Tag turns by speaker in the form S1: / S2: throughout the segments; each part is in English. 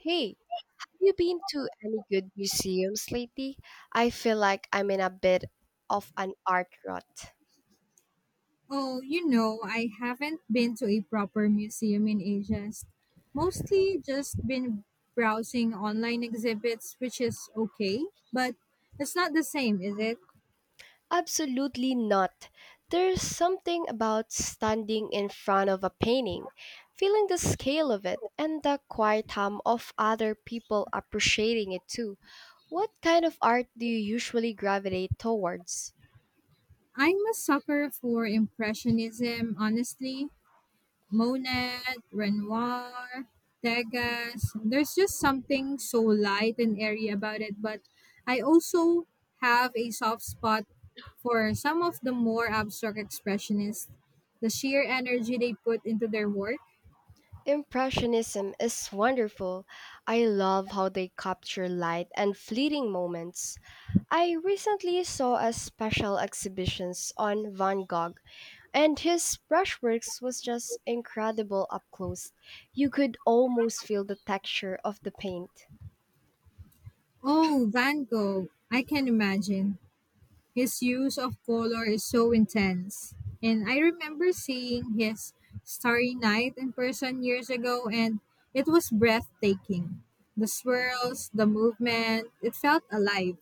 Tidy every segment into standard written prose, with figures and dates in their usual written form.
S1: Hey, have you been to any good museums lately? I feel like I'm in a bit of an art rut.
S2: Oh, you know, I haven't been to a proper museum in ages. Mostly just been browsing online exhibits, which is okay, but it's not the same, is it?
S1: Absolutely not. There's something about standing in front of a painting, feeling the scale of it, and the quiet hum of other people appreciating it too. What kind of art do you usually gravitate towards?
S2: I'm a sucker for Impressionism, honestly. Monet, Renoir, Degas. There's just something so light and airy about it, but I also have a soft spot for some of the more abstract expressionists. The sheer energy they put into their work.
S1: Impressionism is wonderful. I love how they capture light and fleeting moments. I recently saw a special exhibitions on Van Gogh and his brushworks was just incredible up close. You could almost feel the texture of the paint.
S2: Oh, Van Gogh, I can imagine. His use of color is so intense. And I remember seeing his Starry Night in person years ago, and it was breathtaking. The swirls, the movement, it felt alive.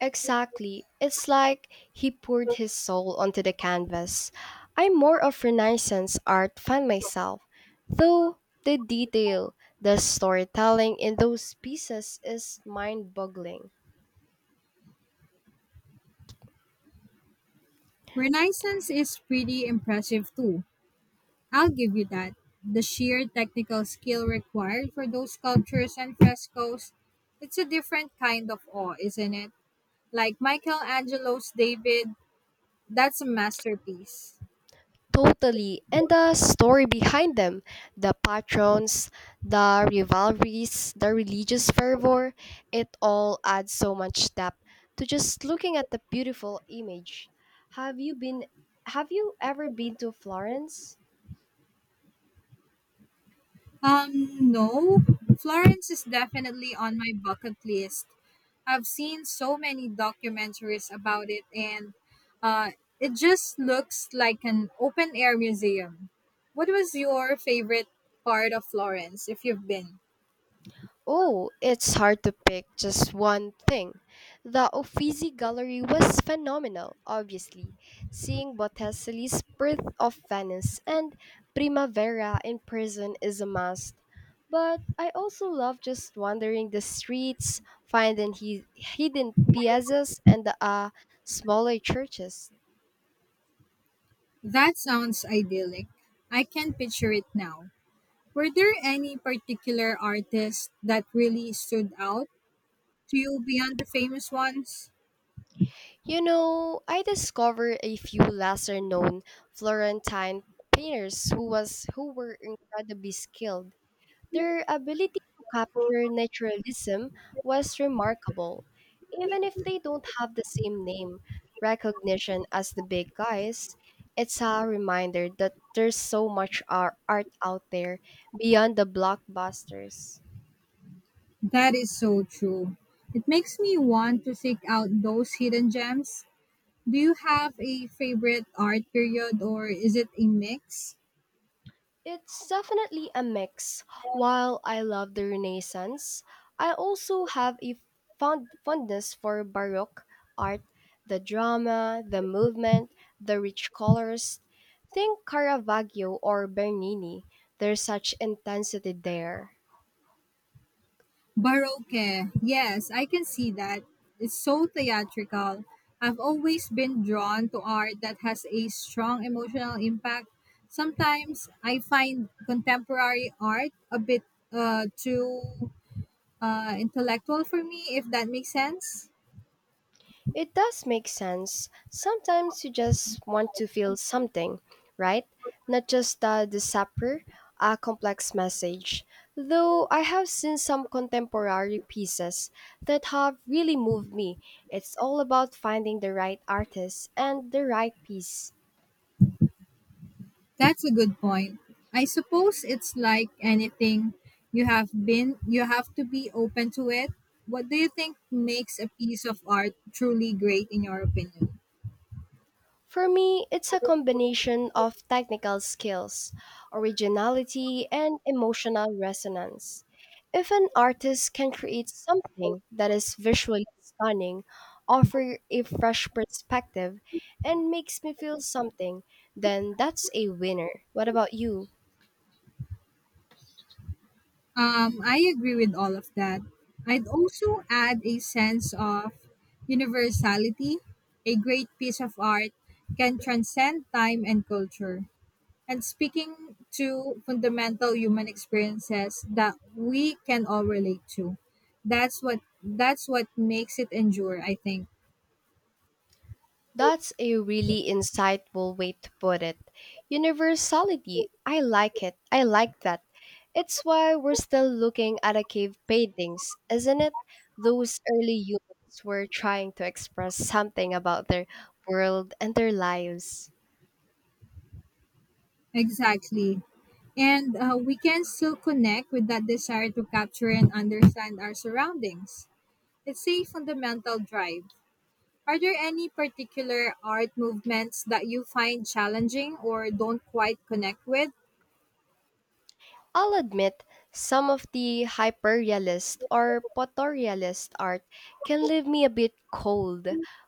S1: Exactly. It's like he poured his soul onto the canvas. I'm more of Renaissance art fan myself, though the detail, the storytelling in those pieces is mind-boggling.
S2: Renaissance is pretty impressive too. I'll give you that. The sheer technical skill required for those sculptures and frescoes, it's a different kind of awe, isn't it? Like Michelangelo's David, that's a masterpiece.
S1: Totally. And the story behind them, the patrons, the rivalries, the religious fervor, it all adds so much depth to just looking at the beautiful image. Have you been have you ever been to Florence?
S2: No, Florence is definitely on my bucket list. I've seen so many documentaries about it, and uh, it just looks like an open air museum. What was your favorite part of Florence if you've been?
S1: Oh, it's hard to pick just one thing. The Uffizi Gallery was phenomenal, obviously. Seeing Botticelli's Birth of Venice and Primavera in person is a must. But I also love just wandering the streets, finding hidden piazzas and smaller churches.
S2: That sounds idyllic. I can picture it now. Were there any particular artists that really stood out to you beyond the famous ones?
S1: You know, I discovered a few lesser known Florentine painters who were incredibly skilled. Their ability to capture naturalism was remarkable. Even if they don't have the same name recognition as the big guys, it's a reminder that there's so much art out there beyond the blockbusters.
S2: That is so true. It makes me want to seek out those hidden gems. Do you have a favorite art period or is it a mix?
S1: It's definitely a mix. While I love the Renaissance, I also have a fondness for Baroque art, the drama, the movement, the rich colors. Think Caravaggio or Bernini. There's such intensity there.
S2: Baroque. Yes, I can see that. It's so theatrical. I've always been drawn to art that has a strong emotional impact. Sometimes I find contemporary art a bit too intellectual for me, if that makes sense.
S1: It does make sense. Sometimes you just want to feel something, right? Not just the sapper, a complex message. Though I have seen some contemporary pieces that have really moved me. It's all about finding the right artist and the right piece.
S2: That's a good point. I suppose it's like anything you have to be open to it. What do you think makes a piece of art truly great in your opinion?
S1: For me, it's a combination of technical skills, originality, and emotional resonance. If an artist can create something that is visually stunning, offer a fresh perspective, and makes me feel something, then that's a winner. What about you?
S2: I agree with all of that. I'd also add a sense of universality. A great piece of art can transcend time and culture. And speaking to fundamental human experiences that we can all relate to. That's what makes it endure, I think.
S1: That's a really insightful way to put it. Universality. I like it. I like that. It's why we're still looking at a cave paintings, isn't it? Those early humans were trying to express something about their world and their lives.
S2: Exactly. And we can still connect with that desire to capture and understand our surroundings. It's a fundamental drive. Are there any particular art movements that you find challenging or don't quite connect with?
S1: I'll admit, some of the hyperrealist or photorealist art can leave me a bit cold.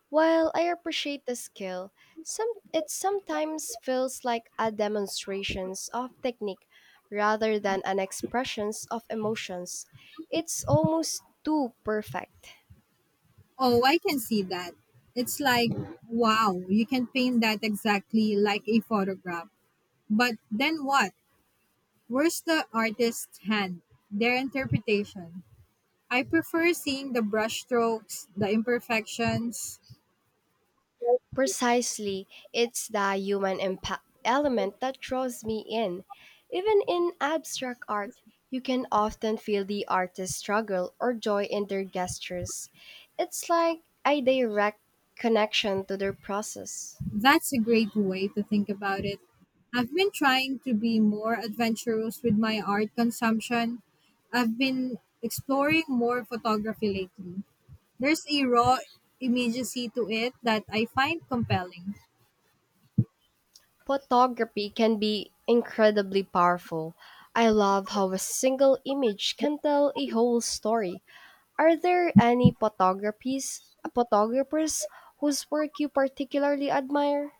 S1: While I appreciate the skill, some it sometimes feels like a demonstrations of technique rather than an expressions of emotions. It's almost too perfect.
S2: Oh, I can see that. It's like, wow, you can paint that exactly like a photograph. But then what? Where's the artist's hand? Their interpretation. I prefer seeing the brushstrokes, the imperfections.
S1: Precisely, it's the human impact element that draws me in. Even in abstract art, you can often feel the artist's struggle or joy in their gestures. It's like a direct connection to their process.
S2: That's a great way to think about it. I've been trying to be more adventurous with my art consumption. I've been exploring more photography lately. There's a raw immediacy to it that I find compelling.
S1: Photography can be incredibly powerful. I love how a single image can tell a whole story. Are there any photographers whose work you particularly admire?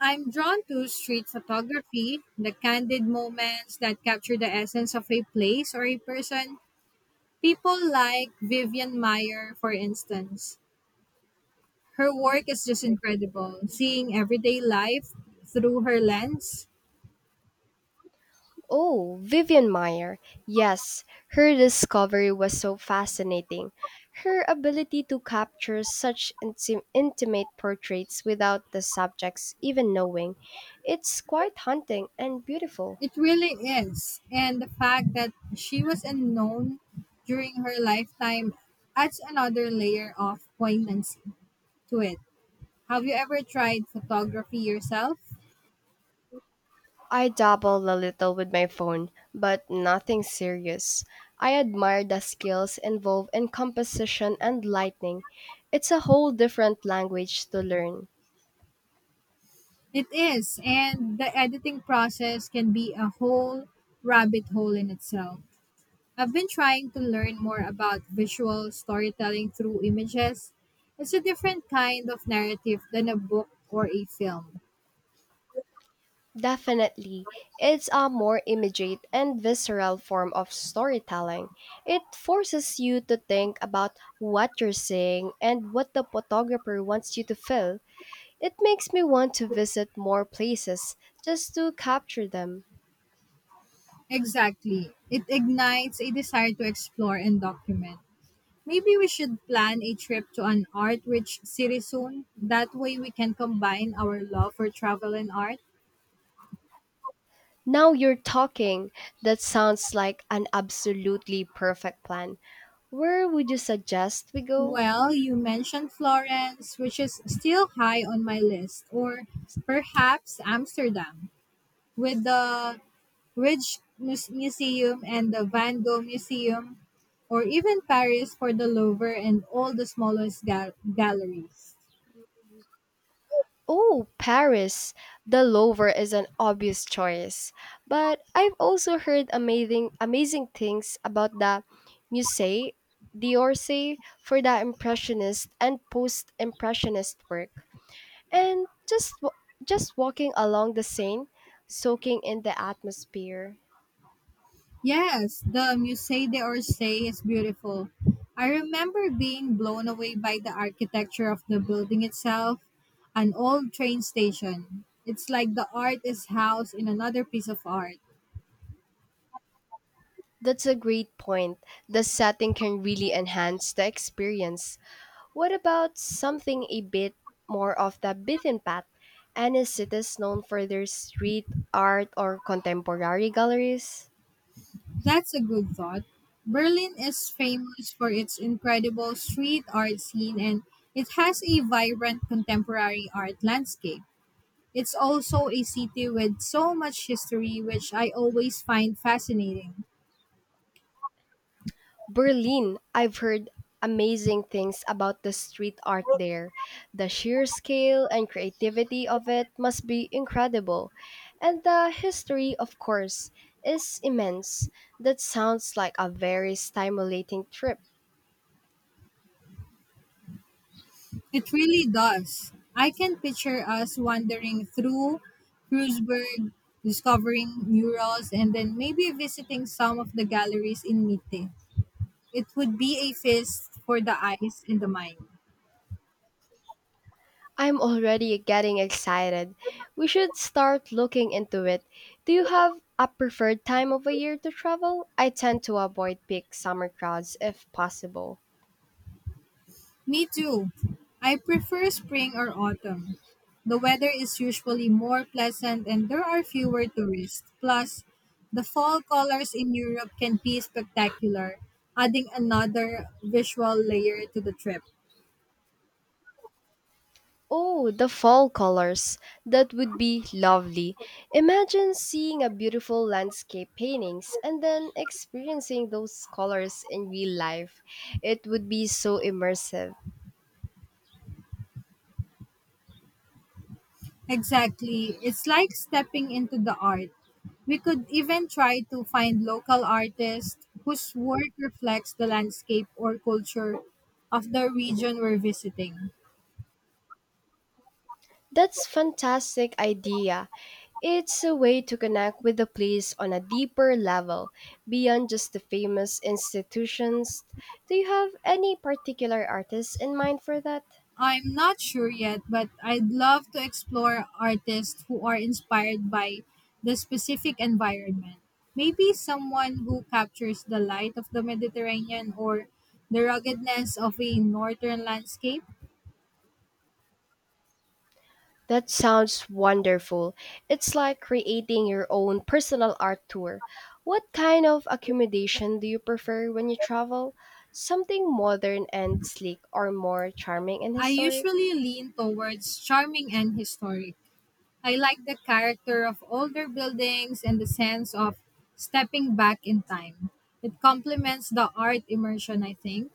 S2: I'm drawn to street photography, the candid moments that capture the essence of a place or a person. People like Vivian Meyer, for instance. Her work is just incredible, seeing everyday life through her lens.
S1: Oh, Vivian Meyer. Yes, her discovery was so fascinating. Her ability to capture such intimate portraits without the subjects even knowing. It's quite haunting and beautiful.
S2: It really is. And the fact that she was unknown during her lifetime adds another layer of poignancy to it. Have you ever tried photography yourself?
S1: I dabble a little with my phone, but nothing serious. I admire the skills involved in composition and lighting. It's a whole different language to learn.
S2: It is, and the editing process can be a whole rabbit hole in itself. I've been trying to learn more about visual storytelling through images. It's a different kind of narrative than a book or a film.
S1: Definitely. It's a more immediate and visceral form of storytelling. It forces you to think about what you're seeing and what the photographer wants you to feel. It makes me want to visit more places just to capture them.
S2: Exactly. It ignites a desire to explore and document. Maybe we should plan a trip to an art rich city soon. That way we can combine our love for travel and art.
S1: Now you're talking. That sounds like an absolutely perfect plan. Where would you suggest we go?
S2: Well, you mentioned Florence, which is still high on my list, or perhaps Amsterdam with the Museum and the Van Gogh Museum, or even Paris for the Louvre and all the smallest galleries.
S1: Oh, Paris! The Louvre is an obvious choice, but I've also heard amazing things about the Musée d'Orsay for the impressionist and post-impressionist work. And just just walking along the Seine, soaking in the atmosphere.
S2: Yes, the Musée d'Orsay is beautiful. I remember being blown away by the architecture of the building itself, an old train station. It's like the art is housed in another piece of art.
S1: That's a great point. The setting can really enhance the experience. What about something a bit more of the beaten path? Any cities known for their street art or contemporary galleries?
S2: That's a good thought. Berlin is famous for its incredible street art scene and it has a vibrant contemporary art landscape. It's also a city with so much history, which I always find fascinating.
S1: Berlin, I've heard amazing things about the street art there. The sheer scale and creativity of it must be incredible. And the history, of course, is immense. That sounds like a very stimulating trip.
S2: It really does. I can picture us wandering through Kreuzberg, discovering murals, and then maybe visiting some of the galleries in Mitte. It would be a feast for the eyes and the mind.
S1: I'm already getting excited. We should start looking into it. Do you have a preferred time of a year to travel? I tend to avoid peak summer crowds if possible.
S2: Me too. I prefer spring or autumn. The weather is usually more pleasant and there are fewer tourists. Plus, the fall colors in Europe can be spectacular, adding another visual layer to the trip.
S1: Oh, the fall colors. That would be lovely. Imagine seeing a beautiful landscape paintings and then experiencing those colors in real life. It would be so immersive.
S2: Exactly. It's like stepping into the art. We could even try to find local artists whose work reflects the landscape or culture of the region we're visiting.
S1: That's fantastic idea. It's a way to connect with the place on a deeper level, beyond just the famous institutions. Do you have any particular artists in mind for that?
S2: I'm not sure yet, but I'd love to explore artists who are inspired by the specific environment. Maybe someone who captures the light of the Mediterranean or the ruggedness of a northern landscape.
S1: That sounds wonderful. It's like creating your own personal art tour. What kind of accommodation do you prefer when you travel? Something modern and sleek or more charming and
S2: I
S1: historic?
S2: usually lean towards charming and historic. I like the character of older buildings and the sense of stepping back in time. It complements the art immersion, I think.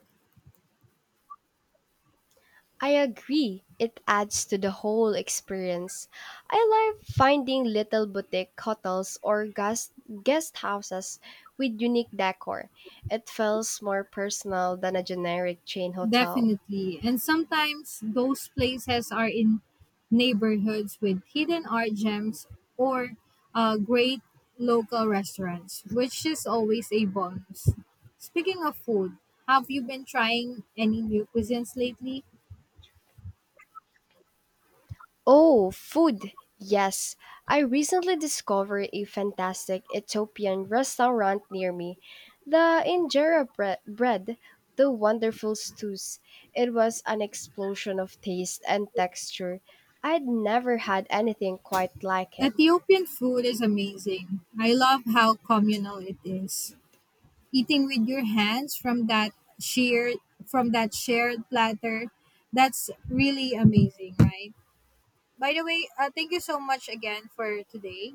S1: I agree. It adds to the whole experience. I love finding little boutique hotels or guest houses with unique decor. It feels more personal than a generic chain hotel.
S2: Definitely. And sometimes those places are in neighborhoods with hidden art gems or great local restaurants, which is always a bonus. Speaking of food, have you been trying any new cuisines lately?
S1: Oh, food! Yes, I recently discovered a fantastic Ethiopian restaurant near me. The injera bread, the wonderful stews. It was an explosion of taste and texture. I'd never had anything quite like it.
S2: Ethiopian food is amazing. I love how communal it is. Eating with your hands from that shared shared platter, that's really amazing, right? By the way, thank you so much again for today.